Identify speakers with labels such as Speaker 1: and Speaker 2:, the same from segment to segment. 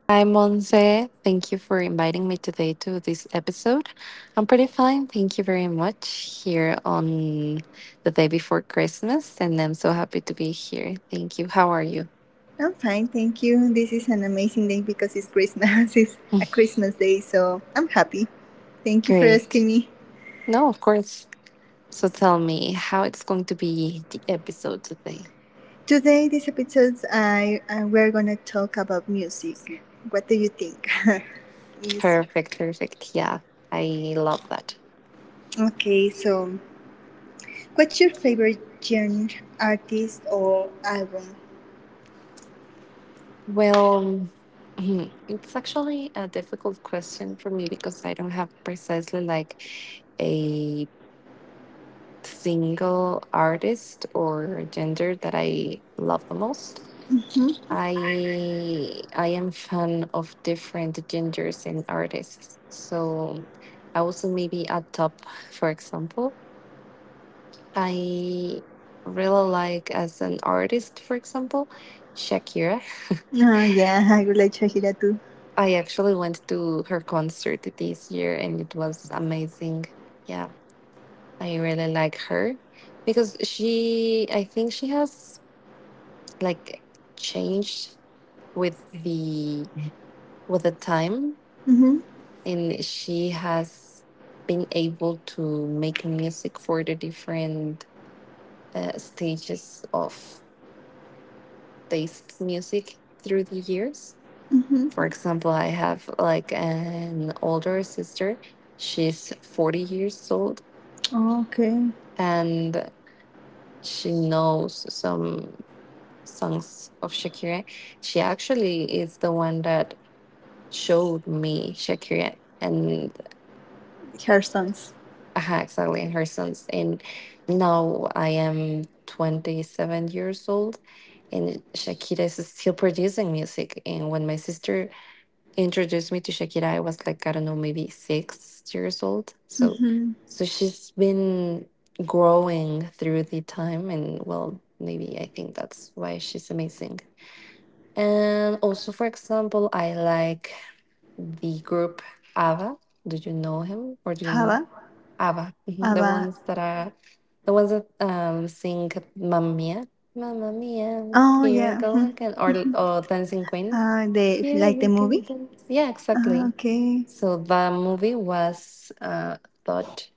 Speaker 1: Hi, Monse. Thank you for inviting me today to this episode. I'm pretty fine. Thank you very much here on the day before Christmas. And I'm so happy to be here. Thank you. How are you?
Speaker 2: I'm fine, thank you. This is an amazing day because it's Christmas. It's a Christmas day, so I'm happy. Thank you for asking
Speaker 1: Great.
Speaker 2: me.
Speaker 1: No, of course. So tell me how it's going to be the episode today.
Speaker 2: Today, this episode, I we're gonna talk about music. What do you think? Music.
Speaker 1: Perfect. Perfect. Yeah. I love that.
Speaker 2: Okay, so what's your favorite genre, artist, or album?
Speaker 1: Well, it's actually a difficult question for me because I don't have precisely like a single artist or gender that I love the most.
Speaker 2: Mm-hmm.
Speaker 1: I am fan of different genders and artists. So I also maybe at top, for example. I really like as an artist, for example, Shakira.
Speaker 2: Oh, yeah, I would like Shahira too.
Speaker 1: I actually went to her concert this year and it was amazing. Yeah, I really like her because she I think she has like changed with the time
Speaker 2: Mm-hmm.
Speaker 1: and she has been able to make music for the different stages of taste music through the years.
Speaker 2: Mm-hmm.
Speaker 1: For example, I have like an older sister. She's 40 years old
Speaker 2: Okay.
Speaker 1: and she knows some songs of Shakira. She actually is the one that showed me Shakira and
Speaker 2: Her songs.
Speaker 1: Haxel and her sons. And now I am 27 years old, and Shakira is still producing music. And when my sister introduced me to Shakira, I was like, I don't know, maybe 6 years old. So,
Speaker 2: Mm-hmm.
Speaker 1: so she's been growing through the time, and well, maybe I think that's why she's amazing. And also, for example, I like the group ABBA. Do you know him or do you
Speaker 2: Hava?
Speaker 1: know ABBA? Mhm. The
Speaker 2: Ava.
Speaker 1: ones that are the ones that sing Mamma Mia, Mamma Mia, ah,
Speaker 2: Oh,
Speaker 1: here I
Speaker 2: yeah.
Speaker 1: go
Speaker 2: Mhm.
Speaker 1: again, or Dancing Queen.
Speaker 2: The
Speaker 1: Yeah,
Speaker 2: like the
Speaker 1: we can
Speaker 2: movie?
Speaker 1: dance. Yeah,
Speaker 2: Ah,
Speaker 1: exactly.
Speaker 2: okay.
Speaker 1: So the movie was thought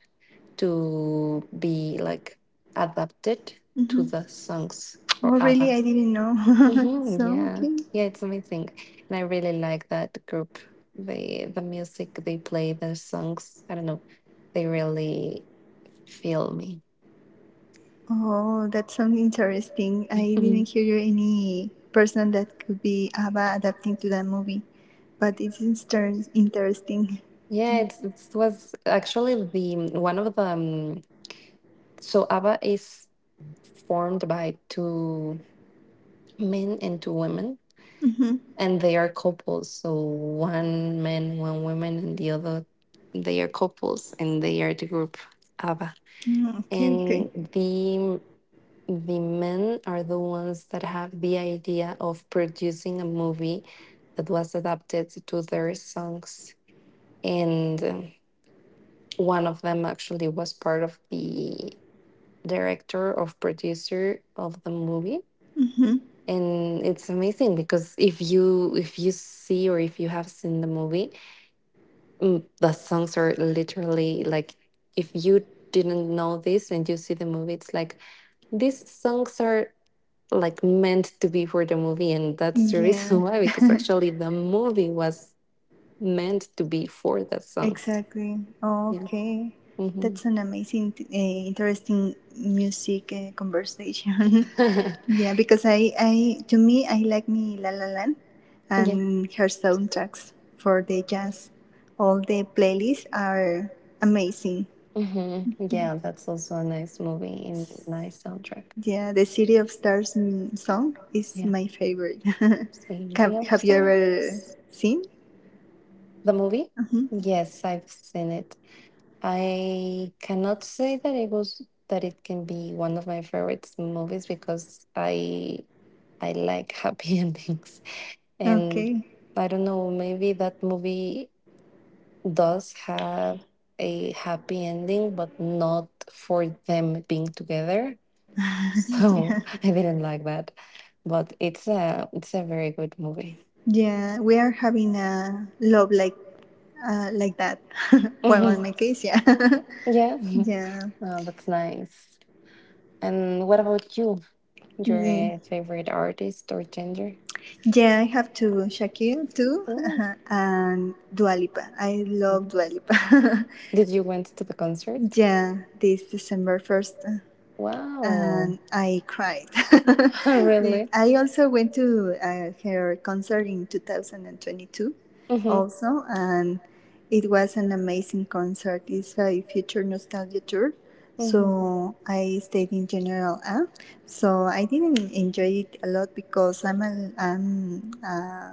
Speaker 1: to be like adapted to
Speaker 2: Mm-hmm.
Speaker 1: the songs for
Speaker 2: Oh, really?
Speaker 1: ABBA.
Speaker 2: I didn't know.
Speaker 1: Hmm.
Speaker 2: So,
Speaker 1: Yeah,
Speaker 2: okay.
Speaker 1: yeah, it's amazing, and I really like that group. They the music they play, their songs. I don't know, they really feel me.
Speaker 2: Oh, that sounds interesting. I
Speaker 1: Mhm.
Speaker 2: didn't hear you any person that could be Ava adapting to that movie, but interesting.
Speaker 1: Yeah, it's it was actually the one of the so ABBA is formed by two men and two women,
Speaker 2: Mm-hmm.
Speaker 1: and they are couples. So one man, one woman, and the other they are couples, and they are the group ABBA.
Speaker 2: Mm, okay, okay.
Speaker 1: And the men are the ones that have the idea of producing a movie that was adapted to their songs and one of them actually was part of the director of producer of the movie
Speaker 2: Hmm.
Speaker 1: and it's amazing because if you see or if you have seen the movie, the songs are literally like if you didn't know this and you see the movie it's like these songs are like meant to be for the movie and that's the reason
Speaker 2: Yeah.
Speaker 1: why, because actually the movie was meant to be for the songs.
Speaker 2: Exactly.
Speaker 1: Yeah.
Speaker 2: Okay.
Speaker 1: Hmm.
Speaker 2: That's an amazing, interesting music conversation.
Speaker 1: Yeah.
Speaker 2: Yeah, because to me, I like me La La Land and her soundtracks for the jazz. All the playlists are amazing.
Speaker 1: Hmm. Yeah, that's also a nice movie and nice soundtrack.
Speaker 2: Yeah, the City of Stars song is
Speaker 1: Yeah,
Speaker 2: my favorite.
Speaker 1: City
Speaker 2: have,
Speaker 1: of
Speaker 2: have you ever
Speaker 1: Stars.
Speaker 2: seen?
Speaker 1: The movie,
Speaker 2: Hmm.
Speaker 1: yes, I've seen it. I cannot say that it was that it can be one of my favorite movies because I like happy endings. And
Speaker 2: Okay.
Speaker 1: I don't know, maybe that movie does have a happy ending, but not for them being together. So
Speaker 2: Yeah,
Speaker 1: I didn't like that. But it's a very good movie.
Speaker 2: yeah, we are having a love like that. Well, in
Speaker 1: Mhm.
Speaker 2: my case, yeah.
Speaker 1: Yeah, oh,
Speaker 2: Yeah.
Speaker 1: that's nice. And what about you? Your
Speaker 2: Mm.
Speaker 1: favorite artist or gender?
Speaker 2: Yeah. I have to Shakira too,
Speaker 1: Oh.
Speaker 2: and Dua Lipa. I love Dua Lipa.
Speaker 1: Did you went to the concert? Yeah.
Speaker 2: Yeah, this December 1st.
Speaker 1: Wow.
Speaker 2: And I cried.
Speaker 1: Really?
Speaker 2: I also went to her concert in 2022,
Speaker 1: Hmm.
Speaker 2: also, and it was an amazing concert. It's a future nostalgia tour,
Speaker 1: Hmm.
Speaker 2: so I stayed in General A. So I didn't enjoy it a lot because I'm a, I'm, uh,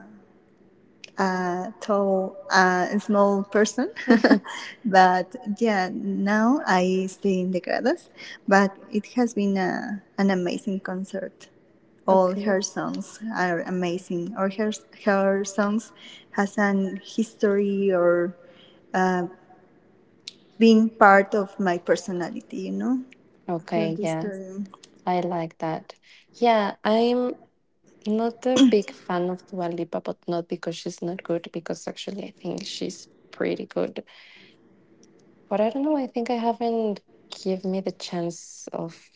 Speaker 2: uh, tall, small person. But yeah, now I stay in the Gradas. But it has been a, an amazing concert. All
Speaker 1: Okay.
Speaker 2: her songs are amazing, or her songs has an history or uh, being part of my personality. You know, for
Speaker 1: Okay,
Speaker 2: this
Speaker 1: yeah,
Speaker 2: term.
Speaker 1: I like that. Yeah, I'm not a big fan of Dua Lipa, but not because she's not good, because actually I think she's pretty good. But I don't know, I think I haven't give me the chance of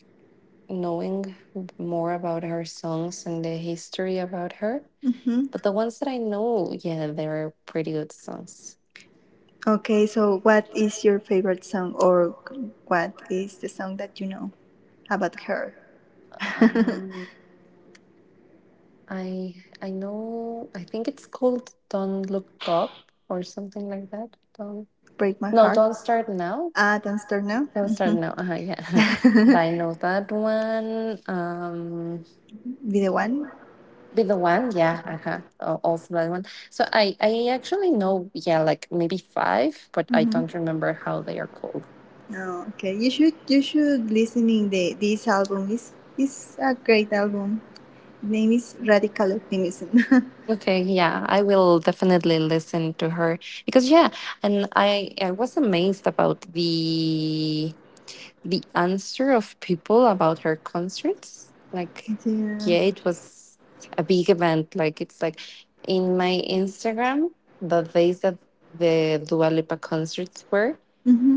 Speaker 1: knowing more about her songs and the history about her.
Speaker 2: Hmm.
Speaker 1: But the ones that I know, yeah, they're pretty good songs.
Speaker 2: Okay, so what is your favorite song, or what is the song that you know about her?
Speaker 1: Um, I I know. I think it's called "Don't Look Up" or something like that. Don't
Speaker 2: Break My
Speaker 1: no,
Speaker 2: Heart.
Speaker 1: don't start now.
Speaker 2: Ah, Dance Now.
Speaker 1: Don't start now. Uh-huh, yeah,
Speaker 2: Mm-hmm.
Speaker 1: I know that one.
Speaker 2: Be the One.
Speaker 1: Be the one. Yeah. Uh-huh. Also that one. So I actually know. Yeah, like maybe five, but I
Speaker 2: Mm-hmm.
Speaker 1: don't remember how they are called.
Speaker 2: Oh, okay. You should listening the this album is a great album. Name is Radical Optimism.
Speaker 1: Okay, yeah, I will definitely listen to her because yeah, and I was amazed about the answer of people about her concerts. Like,
Speaker 2: Yeah.
Speaker 1: yeah, it was a big event. Like, it's like in my Instagram, the days that the Dua Lipa concerts were,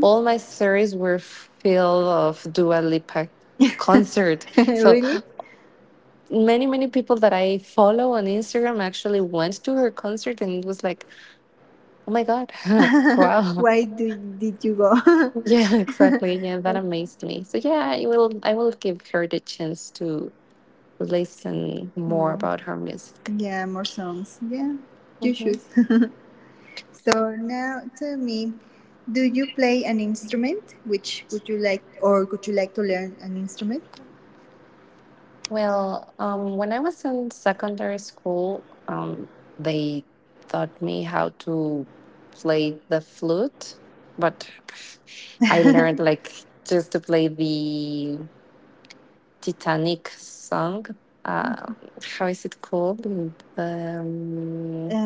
Speaker 1: all my stories were filled of Dua Lipa concert. So
Speaker 2: Really?
Speaker 1: many many people that I follow on Instagram actually went to her concert and it was like oh my god. Wow.
Speaker 2: Why did you go?
Speaker 1: Yeah, exactly. Yeah, that
Speaker 2: Okay.
Speaker 1: amazed me. So yeah, I will give her the chance to listen more
Speaker 2: More.
Speaker 1: about her music.
Speaker 2: Yeah, more songs. Yeah, you
Speaker 1: Hmm.
Speaker 2: should. So now tell me, do you play an instrument? Which would you like, or would you like to learn an instrument?
Speaker 1: Well, when I was in secondary school, they taught me how to play the flute, but I
Speaker 2: uh,
Speaker 1: learned like just to play the Titanic song. Um, how is it called? Um,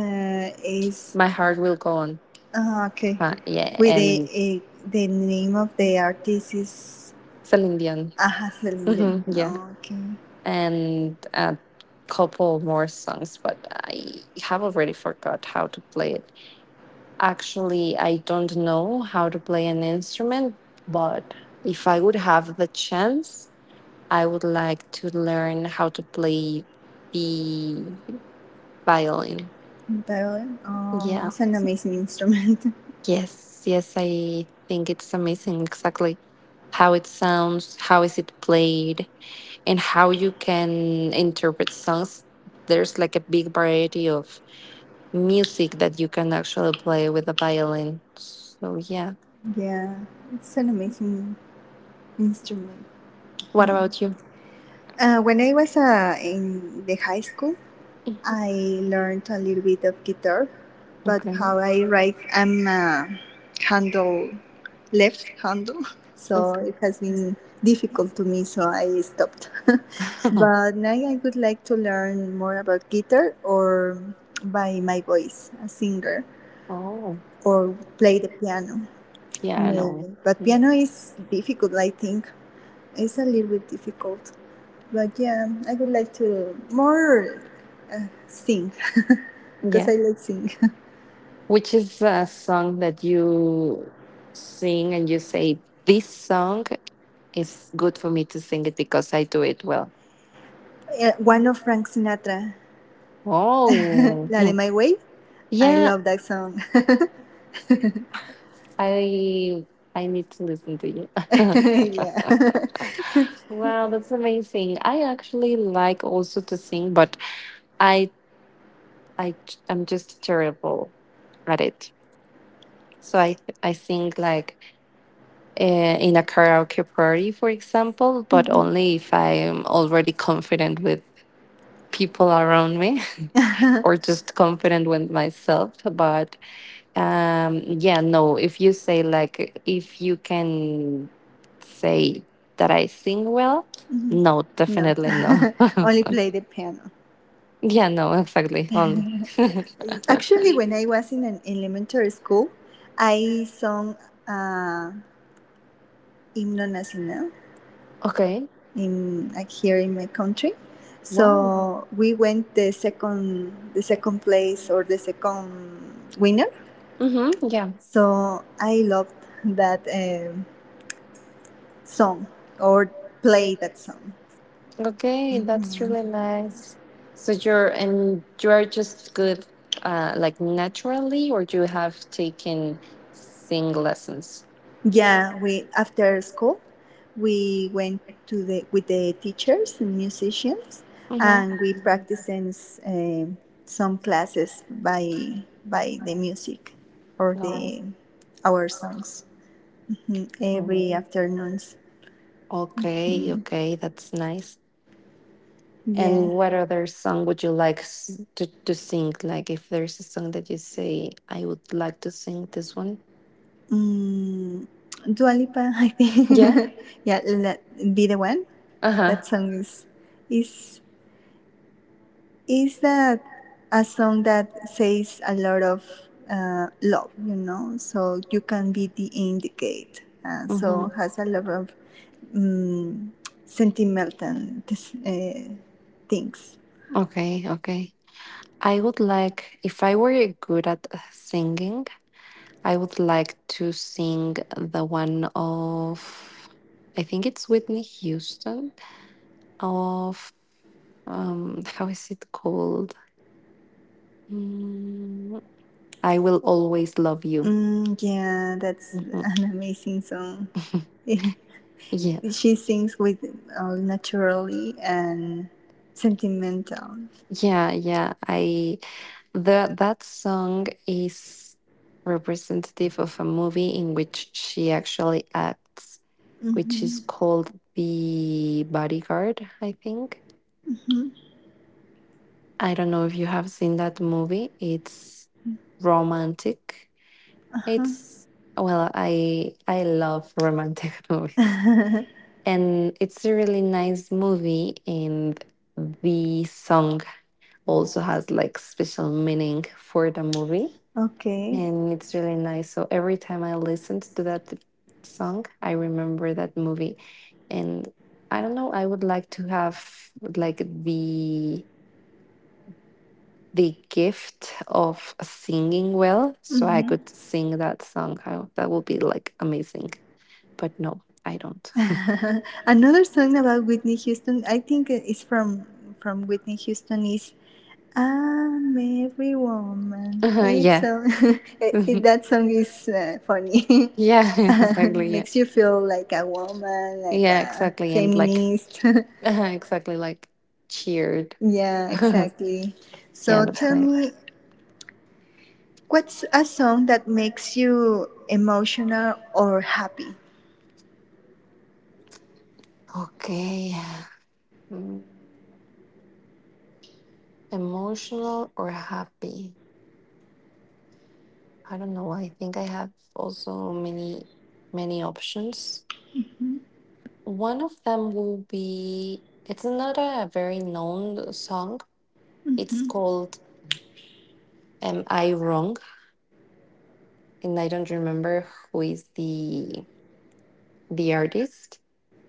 Speaker 2: is
Speaker 1: My Heart Will Go On.
Speaker 2: Okay.
Speaker 1: Yeah,
Speaker 2: With the
Speaker 1: and
Speaker 2: the name of the artist is
Speaker 1: Celine Dion.
Speaker 2: Aja Celingen.
Speaker 1: Mhm, yeah,
Speaker 2: Okay,
Speaker 1: and a couple more songs, but I have already forgot how to play it. Actually, I don't know how to play an instrument, but if I would have the chance, I would like to learn how to play the violin.
Speaker 2: violin. Oh,
Speaker 1: Yeah.
Speaker 2: it's an amazing instrument.
Speaker 1: Yes, yes, I think it's amazing exactly how it sounds, how is it played, and how you can interpret songs. There's like a big variety of music that you can actually play with a violin. So yeah.
Speaker 2: Yeah, it's an amazing instrument.
Speaker 1: What
Speaker 2: Mm.
Speaker 1: about you?
Speaker 2: When I was in the high school, I learned a little bit of guitar, but
Speaker 1: Okay.
Speaker 2: how I write, I'm a handle, left handle, so
Speaker 1: Okay.
Speaker 2: it has been difficult to me, so I stopped. But now I would like to learn more about guitar or by my voice, a singer,
Speaker 1: Oh,
Speaker 2: or play the piano,
Speaker 1: piano.
Speaker 2: maybe. But
Speaker 1: Yeah.
Speaker 2: piano is difficult, I think. It's a little bit difficult. But yeah, I would like to more sing. Because
Speaker 1: Yeah.
Speaker 2: I like sing.
Speaker 1: Which is a song that you sing and you say, this song is good for me to sing it because I do it well.
Speaker 2: One of Frank Sinatra,
Speaker 1: Oh,
Speaker 2: la de My Way. I
Speaker 1: yeah.
Speaker 2: love that song.
Speaker 1: I I need to listen to you.
Speaker 2: Yeah.
Speaker 1: Wow, that's amazing. I actually like also to sing, but I I I'm just terrible at it. So I sing like in a karaoke party, for example, but
Speaker 2: Mhm.
Speaker 1: only if I am already confident with people around me, or just confident with myself. But yeah, no, if you say like if you can say that I sing well, no,
Speaker 2: No.
Speaker 1: definitely no.
Speaker 2: Only play the piano.
Speaker 1: Yeah, no, exactly. Only.
Speaker 2: Actually, when I was in an elementary school, I sung uh, himno nacional
Speaker 1: Okay.
Speaker 2: in, like, here in my country.
Speaker 1: Wow.
Speaker 2: So we went the second place or the second winner.
Speaker 1: Mm-hmm. Yeah.
Speaker 2: So I loved that song or play that song.
Speaker 1: Okay, that's really
Speaker 2: Hmm.
Speaker 1: nice. So you're and you are just good like naturally or you have taken sing lessons?
Speaker 2: Yeah, we after school we went to the with the teachers and musicians,
Speaker 1: Mm-hmm.
Speaker 2: and we practiced in, um, some classes by the music or
Speaker 1: Nice.
Speaker 2: the our songs. Mhm, every
Speaker 1: Mm.
Speaker 2: afternoons.
Speaker 1: Okay,
Speaker 2: Mhm.
Speaker 1: okay, that's nice. And
Speaker 2: Yeah.
Speaker 1: what other song would you like to sing? Like, if there's a song that you say, I would like to sing this one.
Speaker 2: Mm, Dua Lipa, I
Speaker 1: Yeah.
Speaker 2: think. Yeah, let Be the One.
Speaker 1: Uh huh.
Speaker 2: That song is is is that a song that says a lot of love, you know. So you can be the indicate. So
Speaker 1: Mm-hmm.
Speaker 2: has a lot of um, sentimental this, things.
Speaker 1: Okay. Okay. I would like, if I were good at singing, I would like to sing the one of, I think it's Whitney Houston, of, how is it called? Mm, I Will Always Love You.
Speaker 2: Mm, yeah, that's
Speaker 1: Hmm.
Speaker 2: an amazing song.
Speaker 1: Yeah.
Speaker 2: She sings with naturally and sentimental.
Speaker 1: Yeah, yeah. That song is representative of a movie in which she actually acts, which is
Speaker 2: Mm-hmm.
Speaker 1: called The Bodyguard, I think.
Speaker 2: Mm-hmm.
Speaker 1: I don't know if you have seen that movie. It's romantic.
Speaker 2: Uh-huh.
Speaker 1: It's well, I love romantic movies. And it's a really nice movie and the song also has like special meaning for the movie
Speaker 2: Okay.
Speaker 1: and it's really nice. So every time I listened to that song, I remember that movie, and I don't know. I would like to have like the gift of singing well, so I
Speaker 2: Mhm.
Speaker 1: could sing that song. How that would be like amazing. But no, I don't.
Speaker 2: Another song about Whitney Houston, I think is from Whitney Houston is I'm Every Woman. It's
Speaker 1: Yeah,
Speaker 2: so that song is funny.
Speaker 1: yeah, exactly. Yeah,
Speaker 2: Makes you feel like a woman, like
Speaker 1: yeah,
Speaker 2: a
Speaker 1: exactly. And like
Speaker 2: feminist.
Speaker 1: exactly like cheered.
Speaker 2: Yeah,
Speaker 1: Yeah,
Speaker 2: exactly. So
Speaker 1: that's
Speaker 2: tell
Speaker 1: nice.
Speaker 2: me, what's a song that makes you emotional or happy?
Speaker 1: Okay. Mm, emotional or happy? I don't know. I think I have also many, many options. One of them will be it's not a very known song. It's
Speaker 2: Mhm,
Speaker 1: called Am I Wrong? And I don't remember who is the artist,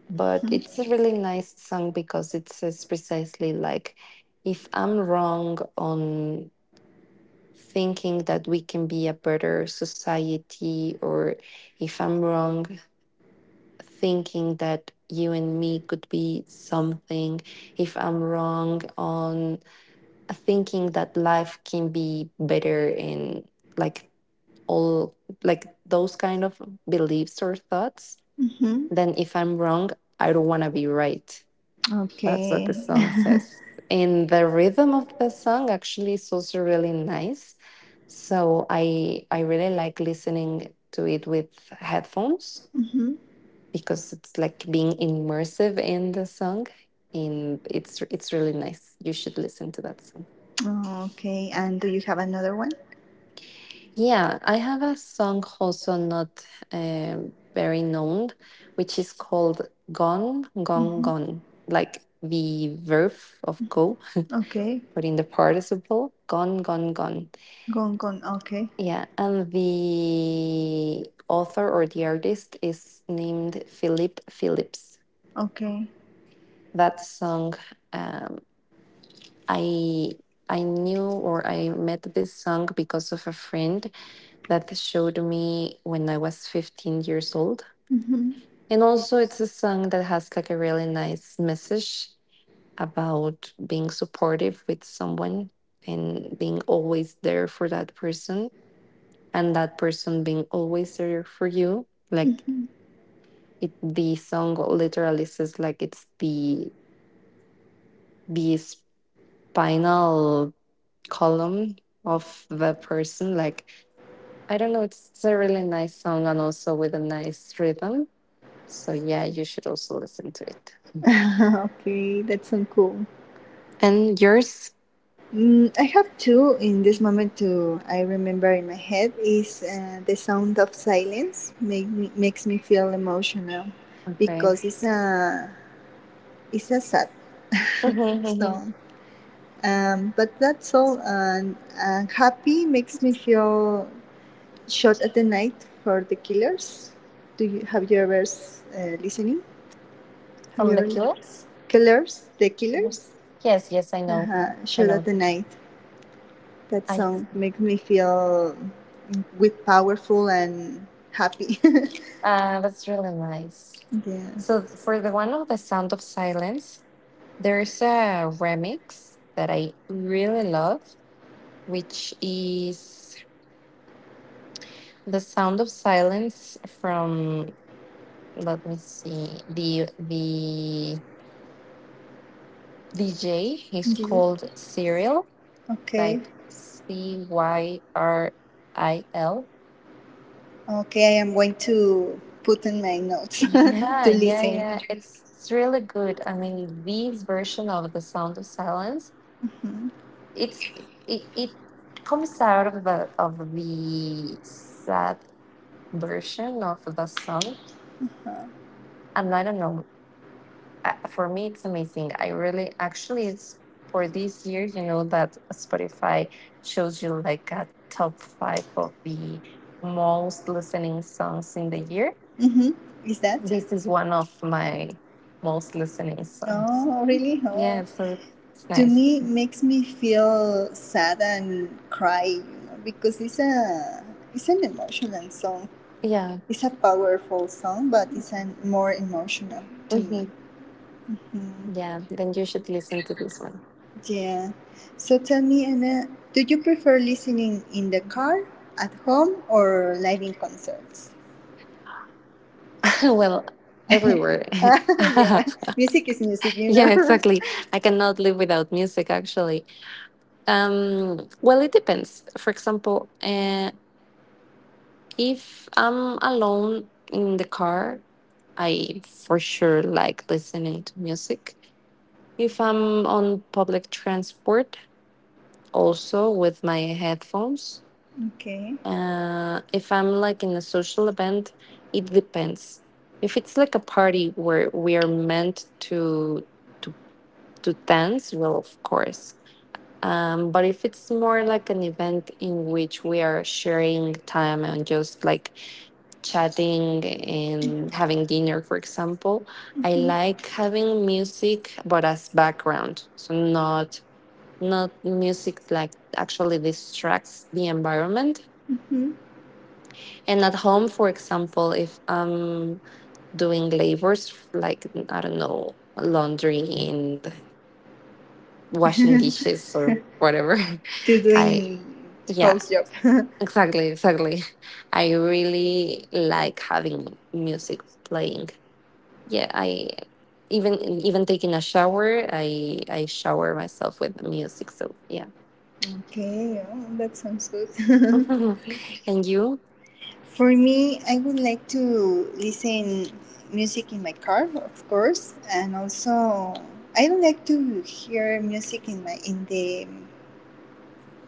Speaker 1: but it's a really nice song because it says precisely like if I'm wrong on thinking that we can be a better society, or if I'm wrong, thinking that you and me could be something, if I'm wrong on thinking that life can be better and like all like those kind of beliefs or thoughts,
Speaker 2: mhm.
Speaker 1: then if I'm wrong, I don't want to be right. That's what the
Speaker 2: Okay.
Speaker 1: song says. And the rhythm of the song actually is also really nice. So I really like listening to it with headphones
Speaker 2: Mhm.
Speaker 1: because it's like being immersive in the song and it's really nice. You should listen to that song.
Speaker 2: Oh, okay. And do you have another one?
Speaker 1: Yeah, I have a song also not very known, which is called Gone, Gone,
Speaker 2: Mm-hmm.
Speaker 1: Gone, like the verb of go.
Speaker 2: Okay.
Speaker 1: Put in the participle, gone, gone, gone.
Speaker 2: Gone, gone. Okay.
Speaker 1: Yeah. And the author or the artist is named Philip Phillips.
Speaker 2: Okay.
Speaker 1: That song, um, i I knew or I met this song because of a friend that showed me when I was 15 years old.
Speaker 2: Mm-hmm.
Speaker 1: And also it's a song that has like a really nice message about being supportive with someone and being always there for that person and that person being always there for you. Like
Speaker 2: Mhm.
Speaker 1: it, the song literally says like it's the spinal column of the person. Like I don't know, it's a really nice song and also with a nice rhythm. So yeah, you should also listen to it.
Speaker 2: Okay, that's so cool.
Speaker 1: And yours?
Speaker 2: Mm, I have two in this moment too. I remember in my head is the Sound of Silence make me, makes me feel emotional
Speaker 1: Okay.
Speaker 2: because it's a sad
Speaker 1: Mhm.
Speaker 2: song. But that's all. And happy makes me feel Shot at the Night for the Killers. Do you have you ever listening? Have
Speaker 1: From
Speaker 2: you
Speaker 1: the
Speaker 2: ever
Speaker 1: Killers?
Speaker 2: Killers? The Killers.
Speaker 1: Yes, yes, I know.
Speaker 2: Uh-huh.
Speaker 1: I
Speaker 2: Shot at
Speaker 1: know.
Speaker 2: the Night. That
Speaker 1: I
Speaker 2: song makes me feel with powerful and happy.
Speaker 1: That's really nice.
Speaker 2: Yeah.
Speaker 1: So for the one of the Sound of Silence, there's a remix that I really love, which is The Sound of Silence from, let me see, the DJ. He's
Speaker 2: Yeah.
Speaker 1: called Serial,
Speaker 2: Okay.
Speaker 1: like Cyril.
Speaker 2: Okay, I am going to put in my notes
Speaker 1: Yeah,
Speaker 2: to
Speaker 1: yeah,
Speaker 2: listen.
Speaker 1: yeah. It's really good. I mean, this version of The Sound of Silence,
Speaker 2: Mm-hmm.
Speaker 1: it's it comes out of the sadness version of the song.
Speaker 2: Uh,
Speaker 1: And I don't know, for me, it's amazing. I really, actually, it's for this year, you know, that Spotify shows you like a top five of the most listening songs in the year.
Speaker 2: mm-hmm. Is that?
Speaker 1: This is one of my most listening songs.
Speaker 2: Oh, really? Oh.
Speaker 1: Yeah, so it's
Speaker 2: To
Speaker 1: nice.
Speaker 2: me makes me feel sad and cry, you know, because it's an emotional song,
Speaker 1: Yeah.
Speaker 2: it's a powerful song, but it's an more emotional to me.
Speaker 1: Hmm.
Speaker 2: Mhm.
Speaker 1: Yeah, then you should listen to this one.
Speaker 2: Yeah, so tell me, Anna, do you prefer listening in the car at home or live in concerts?
Speaker 1: Well, everywhere.
Speaker 2: Yeah, music is music, you
Speaker 1: Yeah,
Speaker 2: know.
Speaker 1: exactly. I cannot live without music, actually. Well, it depends. For example, if I'm alone in the car, I for sure like listening to music. If I'm on public transport, also with my headphones.
Speaker 2: Okay.
Speaker 1: If I'm like in a social event, it depends. If it's like a party where we are meant to to dance, well, of course. But if it's more like an event in which we are sharing time and just like chatting and having dinner, for example, I like having music, but as background, so not music like actually distracts the environment.
Speaker 2: Mhm.
Speaker 1: And at home, for example, if I'm doing labors like I don't know, laundry and washing dishes or whatever,
Speaker 2: To
Speaker 1: I
Speaker 2: doing
Speaker 1: yeah,
Speaker 2: house job.
Speaker 1: exactly, exactly. I really like having music playing. Yeah, I even even taking a shower, I shower myself with music. So yeah.
Speaker 2: Okay, oh, that sounds good.
Speaker 1: And you
Speaker 2: For me, I would like to listen music in my car, of course, and also I don't like to hear music in my in the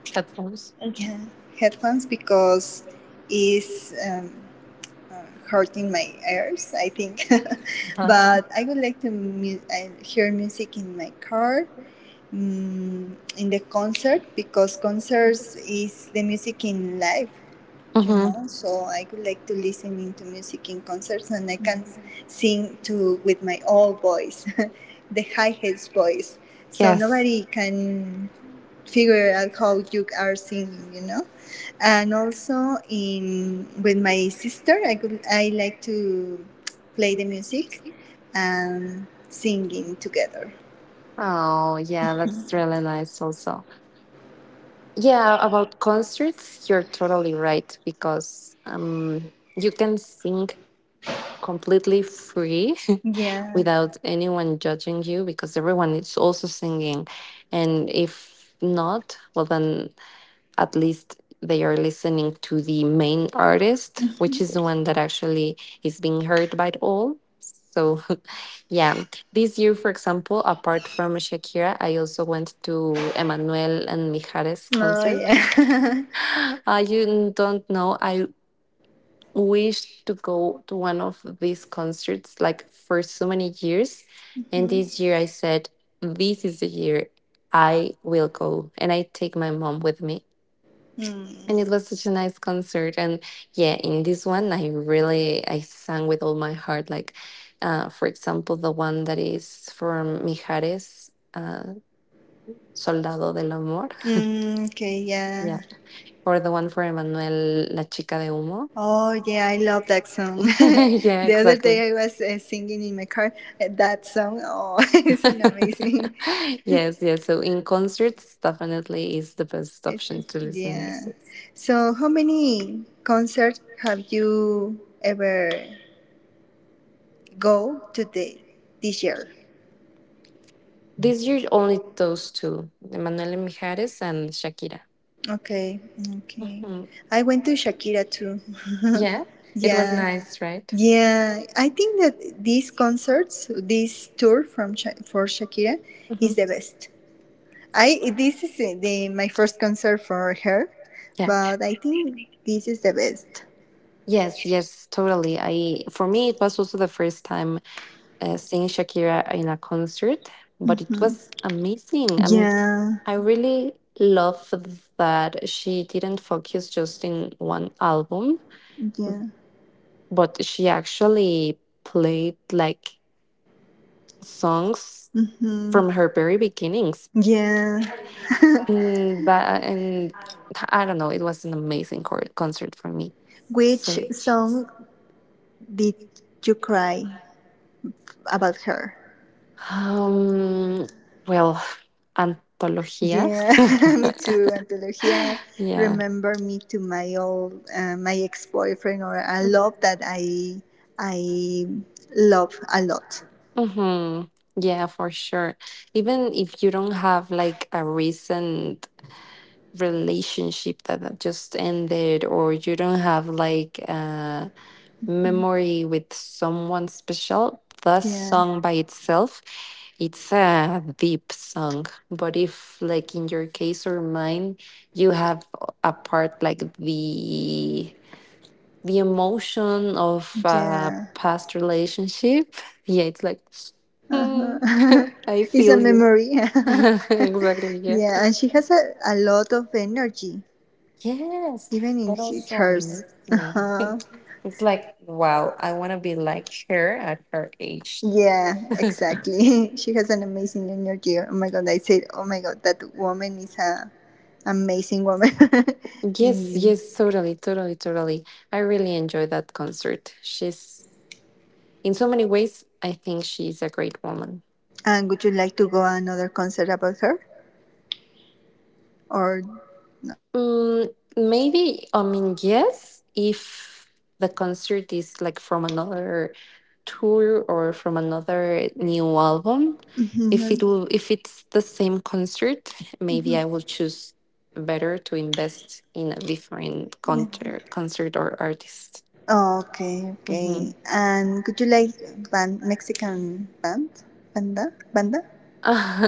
Speaker 1: headphones?
Speaker 2: okay headphones because it's hurting my ears, I think.
Speaker 1: Uh-huh.
Speaker 2: But I would like to I hear music in my car. Mm, in the concert because concerts is the music in live, you
Speaker 1: Mm-hmm.
Speaker 2: know. So I would like to listening to music in concerts and I can sing to with my old voice the high hats voice, so
Speaker 1: Yes.
Speaker 2: nobody can figure out how you are singing, you know. And also in with my sister I could I like to play the music and singing together.
Speaker 1: Oh yeah, that's really nice. Also. Yeah, about concerts, you're totally right because you can sing completely free
Speaker 2: Yeah.
Speaker 1: without anyone judging you because everyone is also singing. And if not, well, then at least they are listening to the main artist, which is the one that actually is being heard by all. So, yeah, this year, for example, apart from Shakira, I also went to Emmanuel and Mijares
Speaker 2: Oh
Speaker 1: concert.
Speaker 2: yeah.
Speaker 1: You don't know. I wish to go to one of these concerts like for so many years. And
Speaker 2: Mhm.
Speaker 1: this year I said, this is the year I will go. And I take my mom with me. And it
Speaker 2: Mm.
Speaker 1: was such a nice concert. And yeah, in this one, I really, I sang with all my heart. Like, for example, the one that is from Mijares, Soldado del Amor.
Speaker 2: Mm, okay,
Speaker 1: Yeah.
Speaker 2: yeah.
Speaker 1: Or the one for Emmanuel, La Chica de Humo.
Speaker 2: Oh, yeah, I love that song.
Speaker 1: Yeah,
Speaker 2: The other
Speaker 1: exactly.
Speaker 2: day I was singing in my car that song. Oh, it's an amazing.
Speaker 1: Yes, yes. So in concerts, definitely is the best
Speaker 2: It's
Speaker 1: option
Speaker 2: just,
Speaker 1: to listen
Speaker 2: yeah.
Speaker 1: music.
Speaker 2: So, how many concerts have you ever go to the this year?
Speaker 1: This year, only those two, Emanuel Mijares and Shakira.
Speaker 2: Okay, okay.
Speaker 1: Mhm.
Speaker 2: I went to Shakira too.
Speaker 1: Yeah, it was
Speaker 2: Yeah.
Speaker 1: nice, right?
Speaker 2: Yeah, I think that these concerts, this tour from Sha- for Shakira
Speaker 1: Mhm.
Speaker 2: is the best. I this is the my first concert for her,
Speaker 1: Yeah.
Speaker 2: but I think this is the best.
Speaker 1: Yes, yes, totally. I For me it was also the first time seeing Shakira in a concert, but it
Speaker 2: Mhm.
Speaker 1: was amazing. I mean,
Speaker 2: Yeah,
Speaker 1: I really love that she didn't focus just in one album,
Speaker 2: yeah.
Speaker 1: but she actually played like songs
Speaker 2: Hmm.
Speaker 1: from her very beginnings.
Speaker 2: Yeah.
Speaker 1: And that, and I don't know, it was an amazing concert for me. So,
Speaker 2: Which song did you cry about her?
Speaker 1: um, well, Antologia.
Speaker 2: Yeah, me too, Antología. Remember me to my old, my ex-boyfriend or a
Speaker 1: Yeah.
Speaker 2: love that I love a lot.
Speaker 1: Mm-hmm. Yeah, for sure. Even if you don't have like a recent relationship that just ended, or you don't have like a
Speaker 2: Mm.
Speaker 1: memory with someone special, the
Speaker 2: Yeah,
Speaker 1: song by itself, it's a deep song. But if like in your case or mine, you have a part like the emotion of a
Speaker 2: yeah.
Speaker 1: past relationship. Yeah, it's like, hmm,
Speaker 2: Uh-huh.
Speaker 1: I
Speaker 2: It's a
Speaker 1: feel you.
Speaker 2: memory.
Speaker 1: Exactly. Yeah.
Speaker 2: Yeah, and she has a lot of energy,
Speaker 1: Yes,
Speaker 2: even in
Speaker 1: that also
Speaker 2: hers.
Speaker 1: amazes me.
Speaker 2: Uh-huh.
Speaker 1: It's like, wow, I want to be like her at her age.
Speaker 2: Yeah, exactly. She has an amazing energy. Oh my god, I said, oh my god, that woman is a amazing woman.
Speaker 1: Yes,
Speaker 2: In,
Speaker 1: yes, totally, totally, totally. I really enjoyed that concert. She's, in so many ways, I think she's a great woman.
Speaker 2: and would you like to go another concert about her or no?
Speaker 1: Mm, Maybe, I mean, yes, if the concert is like from another tour or from another new album. If it
Speaker 2: Mhm,
Speaker 1: will, if it's the same concert, maybe
Speaker 2: yeah.
Speaker 1: I will choose better to invest in a different
Speaker 2: Yeah.
Speaker 1: concert or artist.
Speaker 2: Okay, okay.
Speaker 1: Hmm.
Speaker 2: And could you like band Mexican band? Banda? Banda?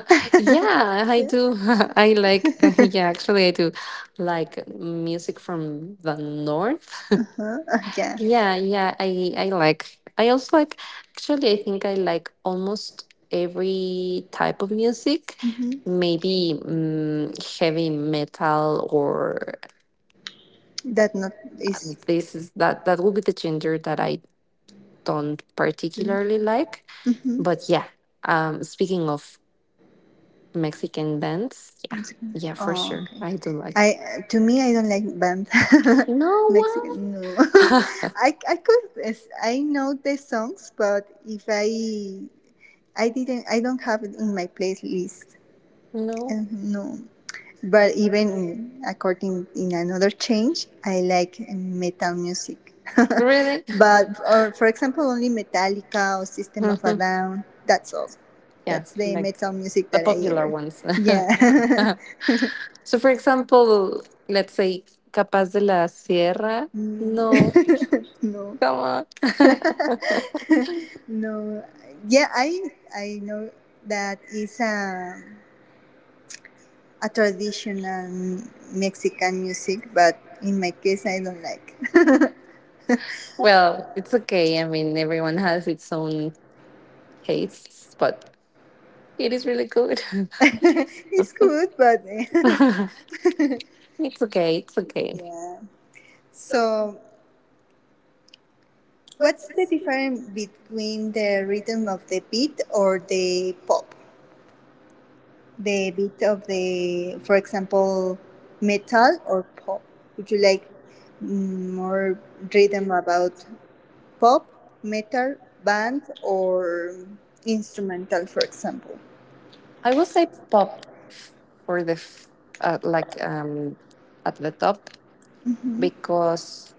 Speaker 1: Yeah, I
Speaker 2: Yeah.
Speaker 1: do. I like. Yeah, actually, I do like music from the north.
Speaker 2: Uh-huh. Uh, yeah.
Speaker 1: Yeah, yeah, I like. I also like actually I think I like almost every type of music.
Speaker 2: Hmm.
Speaker 1: Maybe heavy metal or
Speaker 2: That not
Speaker 1: uh,
Speaker 2: is.
Speaker 1: this is that will be the gender that I don't particularly like.
Speaker 2: Mm-hmm.
Speaker 1: But yeah, speaking of Mexican bands, yeah.
Speaker 2: Mexican.
Speaker 1: Yeah, for
Speaker 2: Oh,
Speaker 1: sure.
Speaker 2: okay.
Speaker 1: I do
Speaker 2: I
Speaker 1: like.
Speaker 2: To me, I don't like band.
Speaker 1: No why?
Speaker 2: Mexican, no. I could yes, I know the songs, but if I I didn't I don't have it in my playlist.
Speaker 1: No.
Speaker 2: No. But even according in another change, I like metal music.
Speaker 1: Really?
Speaker 2: But or for example, only Metallica or System of a Down. That's all.
Speaker 1: Yeah,
Speaker 2: That's the
Speaker 1: like
Speaker 2: metal music
Speaker 1: the
Speaker 2: that I
Speaker 1: popular
Speaker 2: ever.
Speaker 1: ones.
Speaker 2: Yeah.
Speaker 1: So, for example, let's say Capaz de la Sierra.
Speaker 2: Mm.
Speaker 1: No,
Speaker 2: No.
Speaker 1: come on.
Speaker 2: No, yeah, I know that is a traditional Mexican music, but in my case I don't like.
Speaker 1: Well, it's okay. I mean, everyone has its own tastes, but it is really good.
Speaker 2: It's good but.
Speaker 1: It's okay. It's okay.
Speaker 2: Yeah, so what's the difference between the rhythm of the beat or the pop the bit of the, for example, metal or pop? Would you like more rhythm about pop, metal, band, or instrumental, for example?
Speaker 1: I will say pop for the like at the top
Speaker 2: Mm-hmm.
Speaker 1: because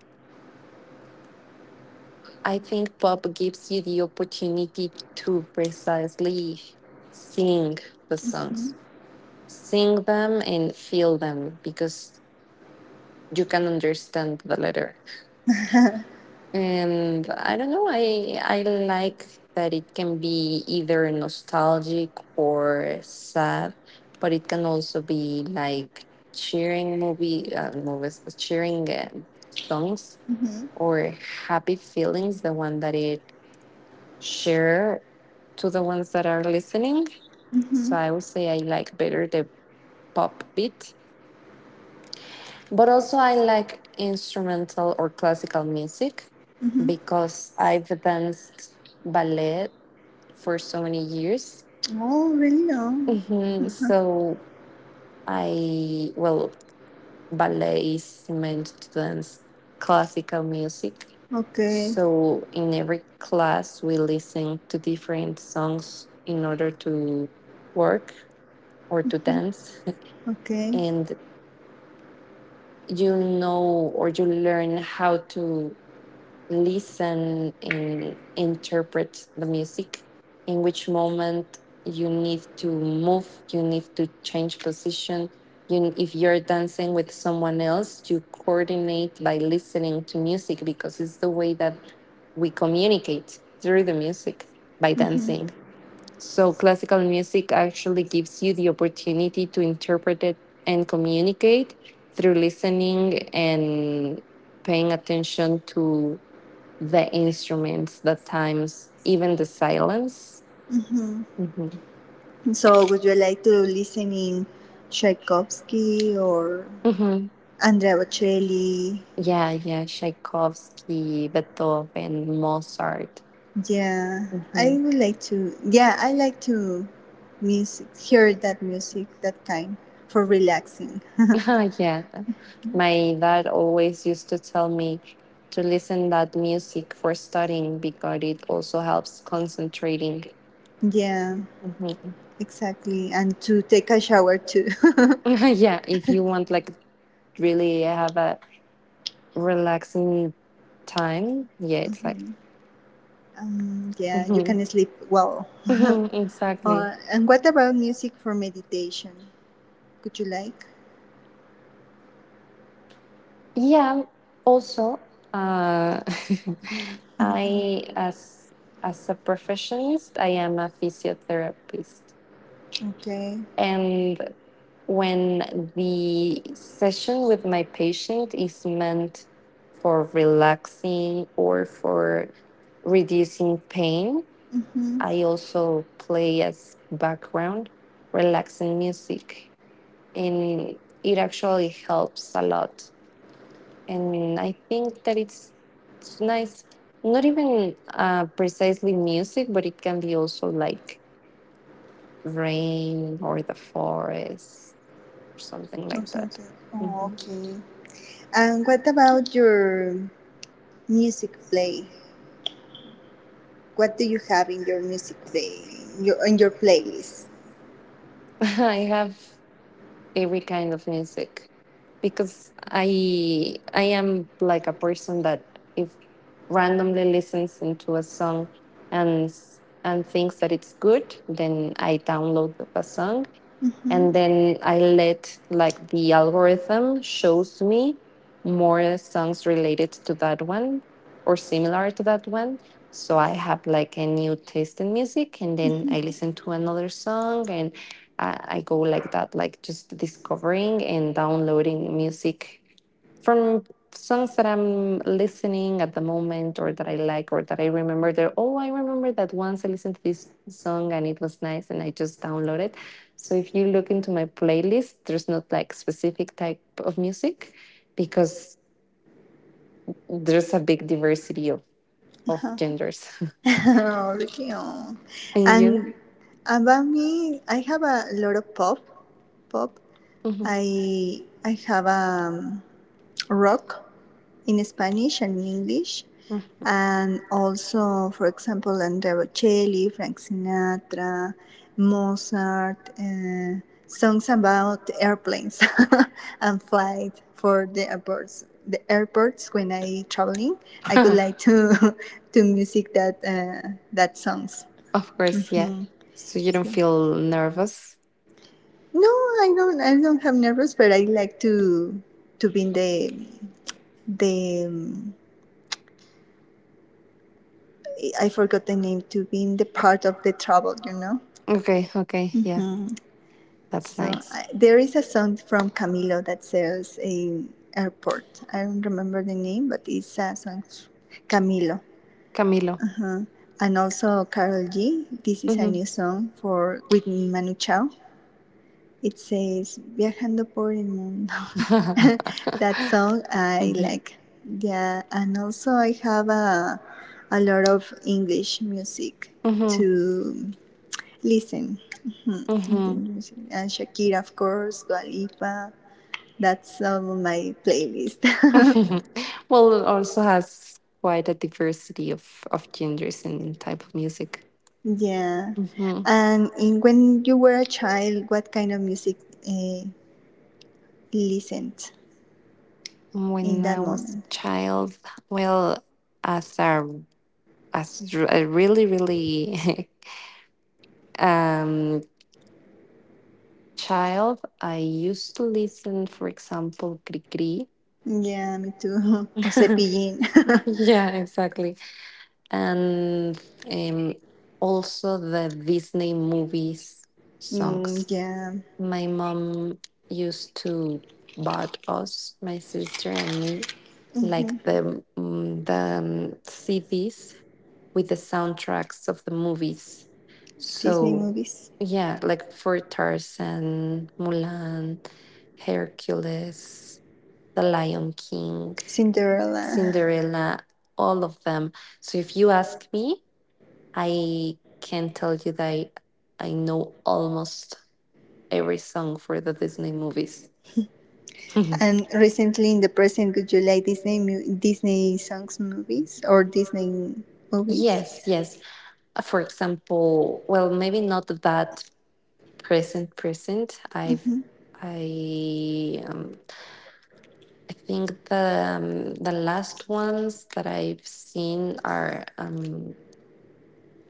Speaker 1: I think pop gives you the opportunity to precisely sing the
Speaker 2: Mm-hmm.
Speaker 1: songs. Sing them and feel them because you can understand the letter. And I don't know, I like that it can be either nostalgic or sad, but it can also be like cheering movies, cheering songs
Speaker 2: Mm-hmm.
Speaker 1: or happy feelings, the one that it share to the ones that are listening. So
Speaker 2: Mm-hmm.
Speaker 1: I would say I like better the pop beat. But also, I like instrumental or classical music
Speaker 2: Mm-hmm. Mm-hmm.
Speaker 1: because I've danced ballet for so many years.
Speaker 2: Oh, really? No.
Speaker 1: Hmm. So, well, ballet is meant to dance classical music.
Speaker 2: Okay.
Speaker 1: So, in every class, we listen to different songs in order to work or to dance.
Speaker 2: Okay.
Speaker 1: And you know or you learn how to listen and interpret the music, in which moment you need to move, you need to change position. You, if you're dancing with someone else, you coordinate by listening to music because it's the way that we communicate through the music by
Speaker 2: Mhm.
Speaker 1: dancing. So classical music actually gives you the opportunity to interpret it and communicate through listening and paying attention to the instruments, the times, even the silence.
Speaker 2: Mhm.
Speaker 1: Hmm.
Speaker 2: So, would you like to listen in Tchaikovsky or
Speaker 1: Hmm.
Speaker 2: Andrea Bocelli?
Speaker 1: Yeah, yeah, Tchaikovsky, Beethoven, Mozart.
Speaker 2: Yeah, I
Speaker 1: Hmm.
Speaker 2: would like to. Yeah, I like to music, hear that music, that kind for relaxing.
Speaker 1: Yeah, my dad always used to tell me to listen that music for studying because it also helps concentrating.
Speaker 2: Yeah,
Speaker 1: Hmm.
Speaker 2: exactly, and to take a shower too.
Speaker 1: Yeah, if you want like really have a relaxing time, yeah, it's like
Speaker 2: Mhm. Um, yeah, you
Speaker 1: Mhm.
Speaker 2: can sleep well.
Speaker 1: Mhm. Exactly.
Speaker 2: Uh, and what about music for meditation? Could you like?
Speaker 1: Yeah, also, uh, I as a professionist, I am a physiotherapist,
Speaker 2: Okay.
Speaker 1: and when the session with my patient is meant for relaxing or for reducing pain,
Speaker 2: Mm-hmm.
Speaker 1: I also play as background relaxing music, and it actually helps a lot and I think that it's nice. Not even precisely music, but it can be also like rain or the forest or something
Speaker 2: Or
Speaker 1: like that.
Speaker 2: something. Oh,
Speaker 1: Mhm.
Speaker 2: okay. And what about your music play? What do you have in your music play, your, in your playlist?
Speaker 1: I have every kind of music because I am like a person that if randomly listens into a song and and thinks that it's good, then I download the song
Speaker 2: Mhm.
Speaker 1: and then I let like the algorithm shows me more songs related to that one or similar to that one. So I have like a new taste in music, and then I listen to another song, and I go like that, like just discovering and downloading music from songs that I'm listening at the moment or that I like or that I remember that oh I remember that once I listened to this song and it was nice and I just downloaded. So if you look into my playlist, there's not like specific type of music because there's a big diversity of genders.
Speaker 2: Okay. Oh.
Speaker 1: And you?
Speaker 2: And about me, I have a lot of pop. Pop.
Speaker 1: Mhm.
Speaker 2: I have rock in Spanish and English. And also, for example, and there Frank Sinatra, Mozart, songs about airplanes and flight for the airports. The airports when I traveling, I would like to to music that that songs.
Speaker 1: Of course, yeah.
Speaker 2: Mhm.
Speaker 1: So you don't feel nervous?
Speaker 2: No, I don't. I don't have nervous, but I like to be in the the. Um, I forgot the name to be in the part of the travel. You know.
Speaker 1: Okay, okay, yeah. That's
Speaker 2: So
Speaker 1: nice.
Speaker 2: I, there is a song from Camilo that sells in airport. I don't remember the name, but it's a song, Camilo.
Speaker 1: Camilo.
Speaker 2: Uh, and also Carol G. This is a
Speaker 1: Hmm.
Speaker 2: new song for with Manu Chao. It says "Viajando por el mundo." That song I
Speaker 1: Hmm.
Speaker 2: like. Yeah, and also I have a lot of English music to
Speaker 1: Hmm.
Speaker 2: listen. Mhm.
Speaker 1: Hmm.
Speaker 2: And Shakira, of course, Dua Lipa. That's on my playlist.
Speaker 1: Well, it also has quite a diversity of genders and type of music.
Speaker 2: Yeah.
Speaker 1: Hmm.
Speaker 2: And in, when you were a child, what kind of music uh, listened in
Speaker 1: When
Speaker 2: that
Speaker 1: I was a
Speaker 2: moment?
Speaker 1: child, well, as a really really um child, I used to listen, for example, Cri Cri.
Speaker 2: Yeah, me too. O Cepillín.
Speaker 1: Yeah, exactly. And um, also the Disney movies
Speaker 2: Mm,
Speaker 1: songs.
Speaker 2: yeah.
Speaker 1: My mom used to buy us, my sister and me,
Speaker 2: Hmm.
Speaker 1: like the CDs with the soundtracks of the movies.
Speaker 2: Disney
Speaker 1: So
Speaker 2: movies.
Speaker 1: yeah, like for Tarzan, Mulan, Hercules, The Lion King,
Speaker 2: Cinderella.
Speaker 1: Cinderella, all of them. So if you ask me, I can tell you that I know almost every song for the Disney movies.
Speaker 2: And recently in the present, would you like Disney songs movies or Disney movies?
Speaker 1: Yes, yes. For example, well, maybe not that present.
Speaker 2: Hmm.
Speaker 1: I um, I think the last ones that I've seen are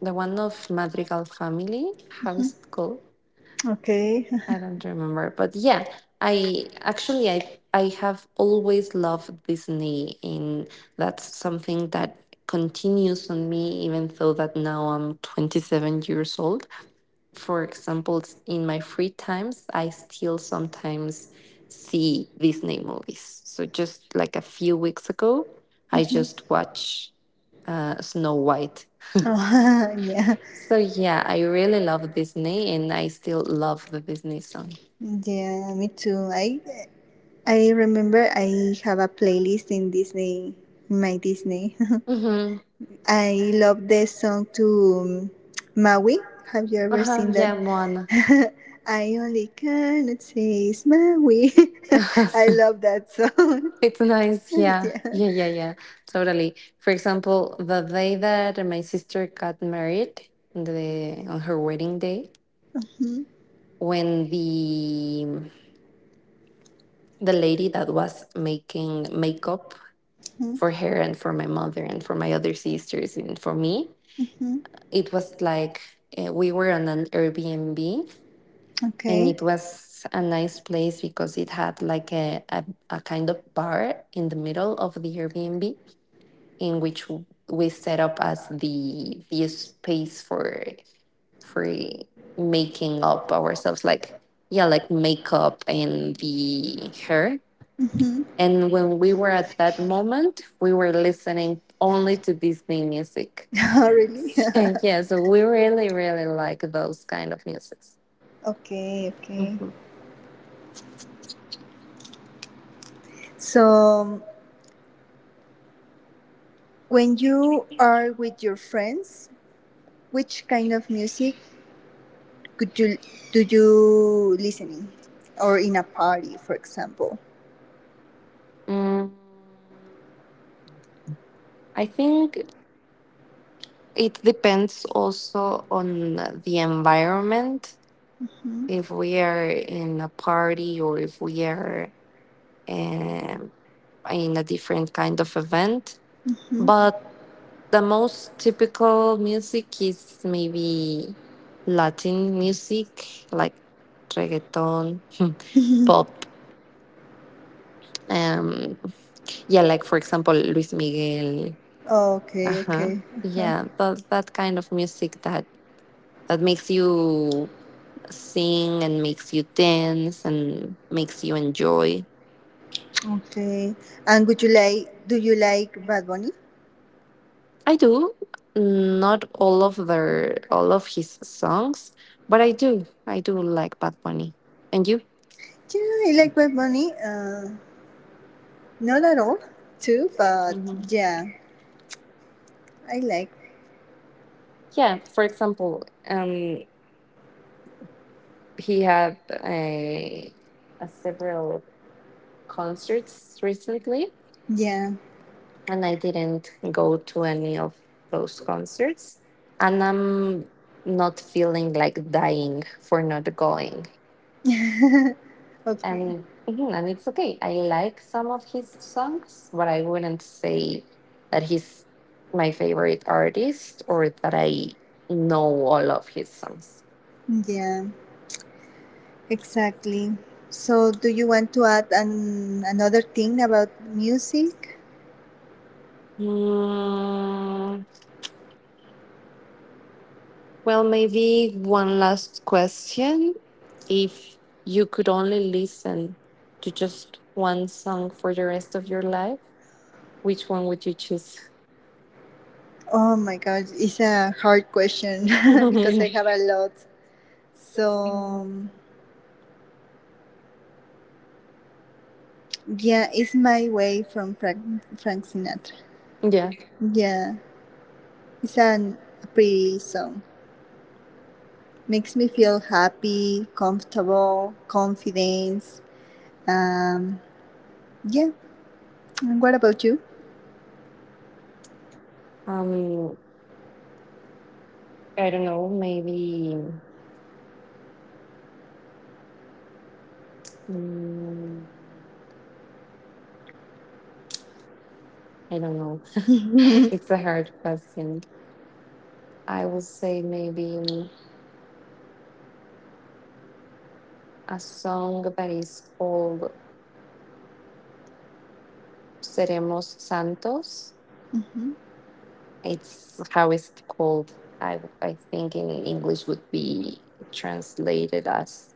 Speaker 1: the one of Madrigal Family. How is it called?
Speaker 2: Okay.
Speaker 1: I don't remember, but yeah, I actually I have always loved Disney, and that's something that continues on me, even though that now I'm 27 years old. For example, in my free times, I still sometimes see Disney movies. So just like a few weeks ago, I
Speaker 2: Hmm.
Speaker 1: just watched Snow White.
Speaker 2: Oh, yeah,
Speaker 1: So yeah, I really love Disney, and I still love the Disney song.
Speaker 2: yeah, me too. I remember I have a playlist in Disney, my Disney.
Speaker 1: Mm-hmm.
Speaker 2: I love the song to Maui. Have you ever
Speaker 1: Uh-huh,
Speaker 2: seen that?
Speaker 1: yeah, Moana.
Speaker 2: I only cannot say it's Maui. I love that song.
Speaker 1: It's nice. Yeah.
Speaker 2: Yeah.
Speaker 1: Yeah, yeah, yeah. Totally. For example, the day that my sister got married, the on her wedding day,
Speaker 2: Mhm,
Speaker 1: when the lady that was making makeup
Speaker 2: mhm,
Speaker 1: for her and for my mother and for my other sisters and for me,
Speaker 2: mhm.
Speaker 1: it was like we were on an Airbnb and
Speaker 2: Okay.
Speaker 1: it was a nice place because it had like a kind of bar in the middle of the Airbnb in which we set up as the space for making up ourselves like yeah like makeup and the hair.
Speaker 2: Mhm.
Speaker 1: And when we were at that moment we were listening only to Disney music.
Speaker 2: Oh, really?
Speaker 1: Yeah, so we really really like those kind of musics.
Speaker 2: Okay, okay.
Speaker 1: Mhm.
Speaker 2: So when you are with your friends, which kind of music could you do you listening, or in a party, for example?
Speaker 1: mm, I think it depends also on the environment
Speaker 2: Mhm.
Speaker 1: if we are in a party or if we are um, in a different kind of event. But the most typical music is maybe Latin music, like reggaeton, pop. Um, yeah, like for example, Luis Miguel.
Speaker 2: Okay,
Speaker 1: Uh-huh.
Speaker 2: okay, uh-huh.
Speaker 1: Yeah, that kind of music that makes you sing and makes you dance and makes you enjoy.
Speaker 2: Okay. And would you like? Do you like Bad Bunny?
Speaker 1: I do. Not all of their all of his songs, but I do. I do like Bad Bunny. And you?
Speaker 2: Yeah, I like Bad Bunny. Not at all, too, but
Speaker 1: Hmm.
Speaker 2: yeah, I like.
Speaker 1: Yeah. For example, he had a, a several concerts recently,
Speaker 2: Yeah.
Speaker 1: and I didn't go to any of those concerts, and I'm not feeling like dying for not going.
Speaker 2: Okay.
Speaker 1: And mhm, and it's okay. I like some of his songs, but I wouldn't say that he's my favorite artist or that I know all of his songs.
Speaker 2: Yeah. Exactly. So, do you want to add an, another thing about music?
Speaker 1: Hmm. Well, maybe one last question. If you could only listen to just one song for the rest of your life, which one would you choose?
Speaker 2: Oh my God, it's a hard question because I
Speaker 1: Yeah.
Speaker 2: have a lot. So, yeah, it's My Way from Frank Sinatra. Yeah, it's an, a pretty song. Makes me feel happy, comfortable, confidence. Um, yeah. And what about you?
Speaker 1: Um. I don't know. Maybe. mm, I don't know.
Speaker 2: Mhm.
Speaker 1: It's a hard question. I would say maybe a song that is called Seremos Santos. It's how is it called? I think in English would be translated as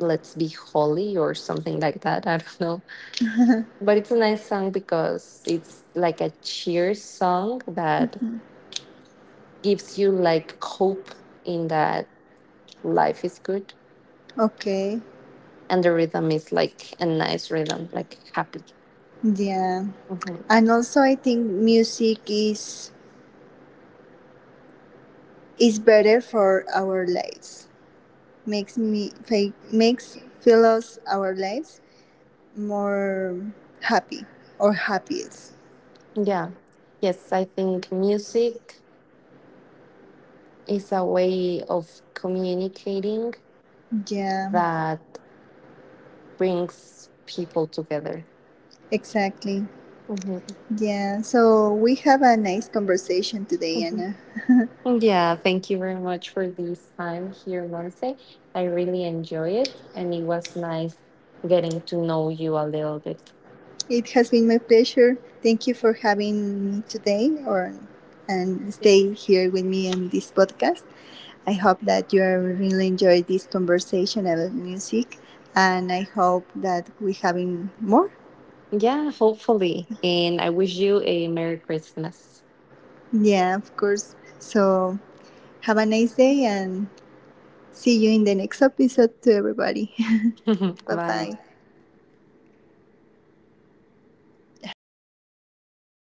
Speaker 1: Let's Be Holy or something like that. I don't know. But it's a nice song because it's like a cheer song that gives you like hope in that life is good
Speaker 2: Okay.
Speaker 1: and the rhythm is like a nice rhythm, like happy.
Speaker 2: Yeah.
Speaker 1: Mhm.
Speaker 2: And also I think music is better for our lives. Makes me makes fellows our lives more happy or happiest.
Speaker 1: Yeah. Yes, I think music is a way of communicating
Speaker 2: Yeah,
Speaker 1: that brings people together.
Speaker 2: exactly.
Speaker 1: Mhm.
Speaker 2: Yeah, so we have a nice conversation today,
Speaker 1: Mhm.
Speaker 2: Anna.
Speaker 1: Yeah, thank you very much for this time here, Monse. I really enjoy it, and it was nice getting to know you a little bit.
Speaker 2: It has been my pleasure. Thank you for having me today, or and stay here with me on this podcast. I hope that you really enjoyed this conversation about music, and I hope that we having more.
Speaker 1: Yeah, hopefully. And I wish you a Merry Christmas.
Speaker 2: Yeah, of course. So have a nice day and see you in the next episode to everybody. Bye
Speaker 1: Bye.
Speaker 2: bye.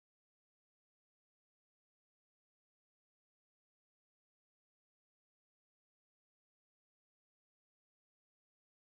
Speaker 1: Yeah. Sigue, a mí me sigue apareciendo grabando.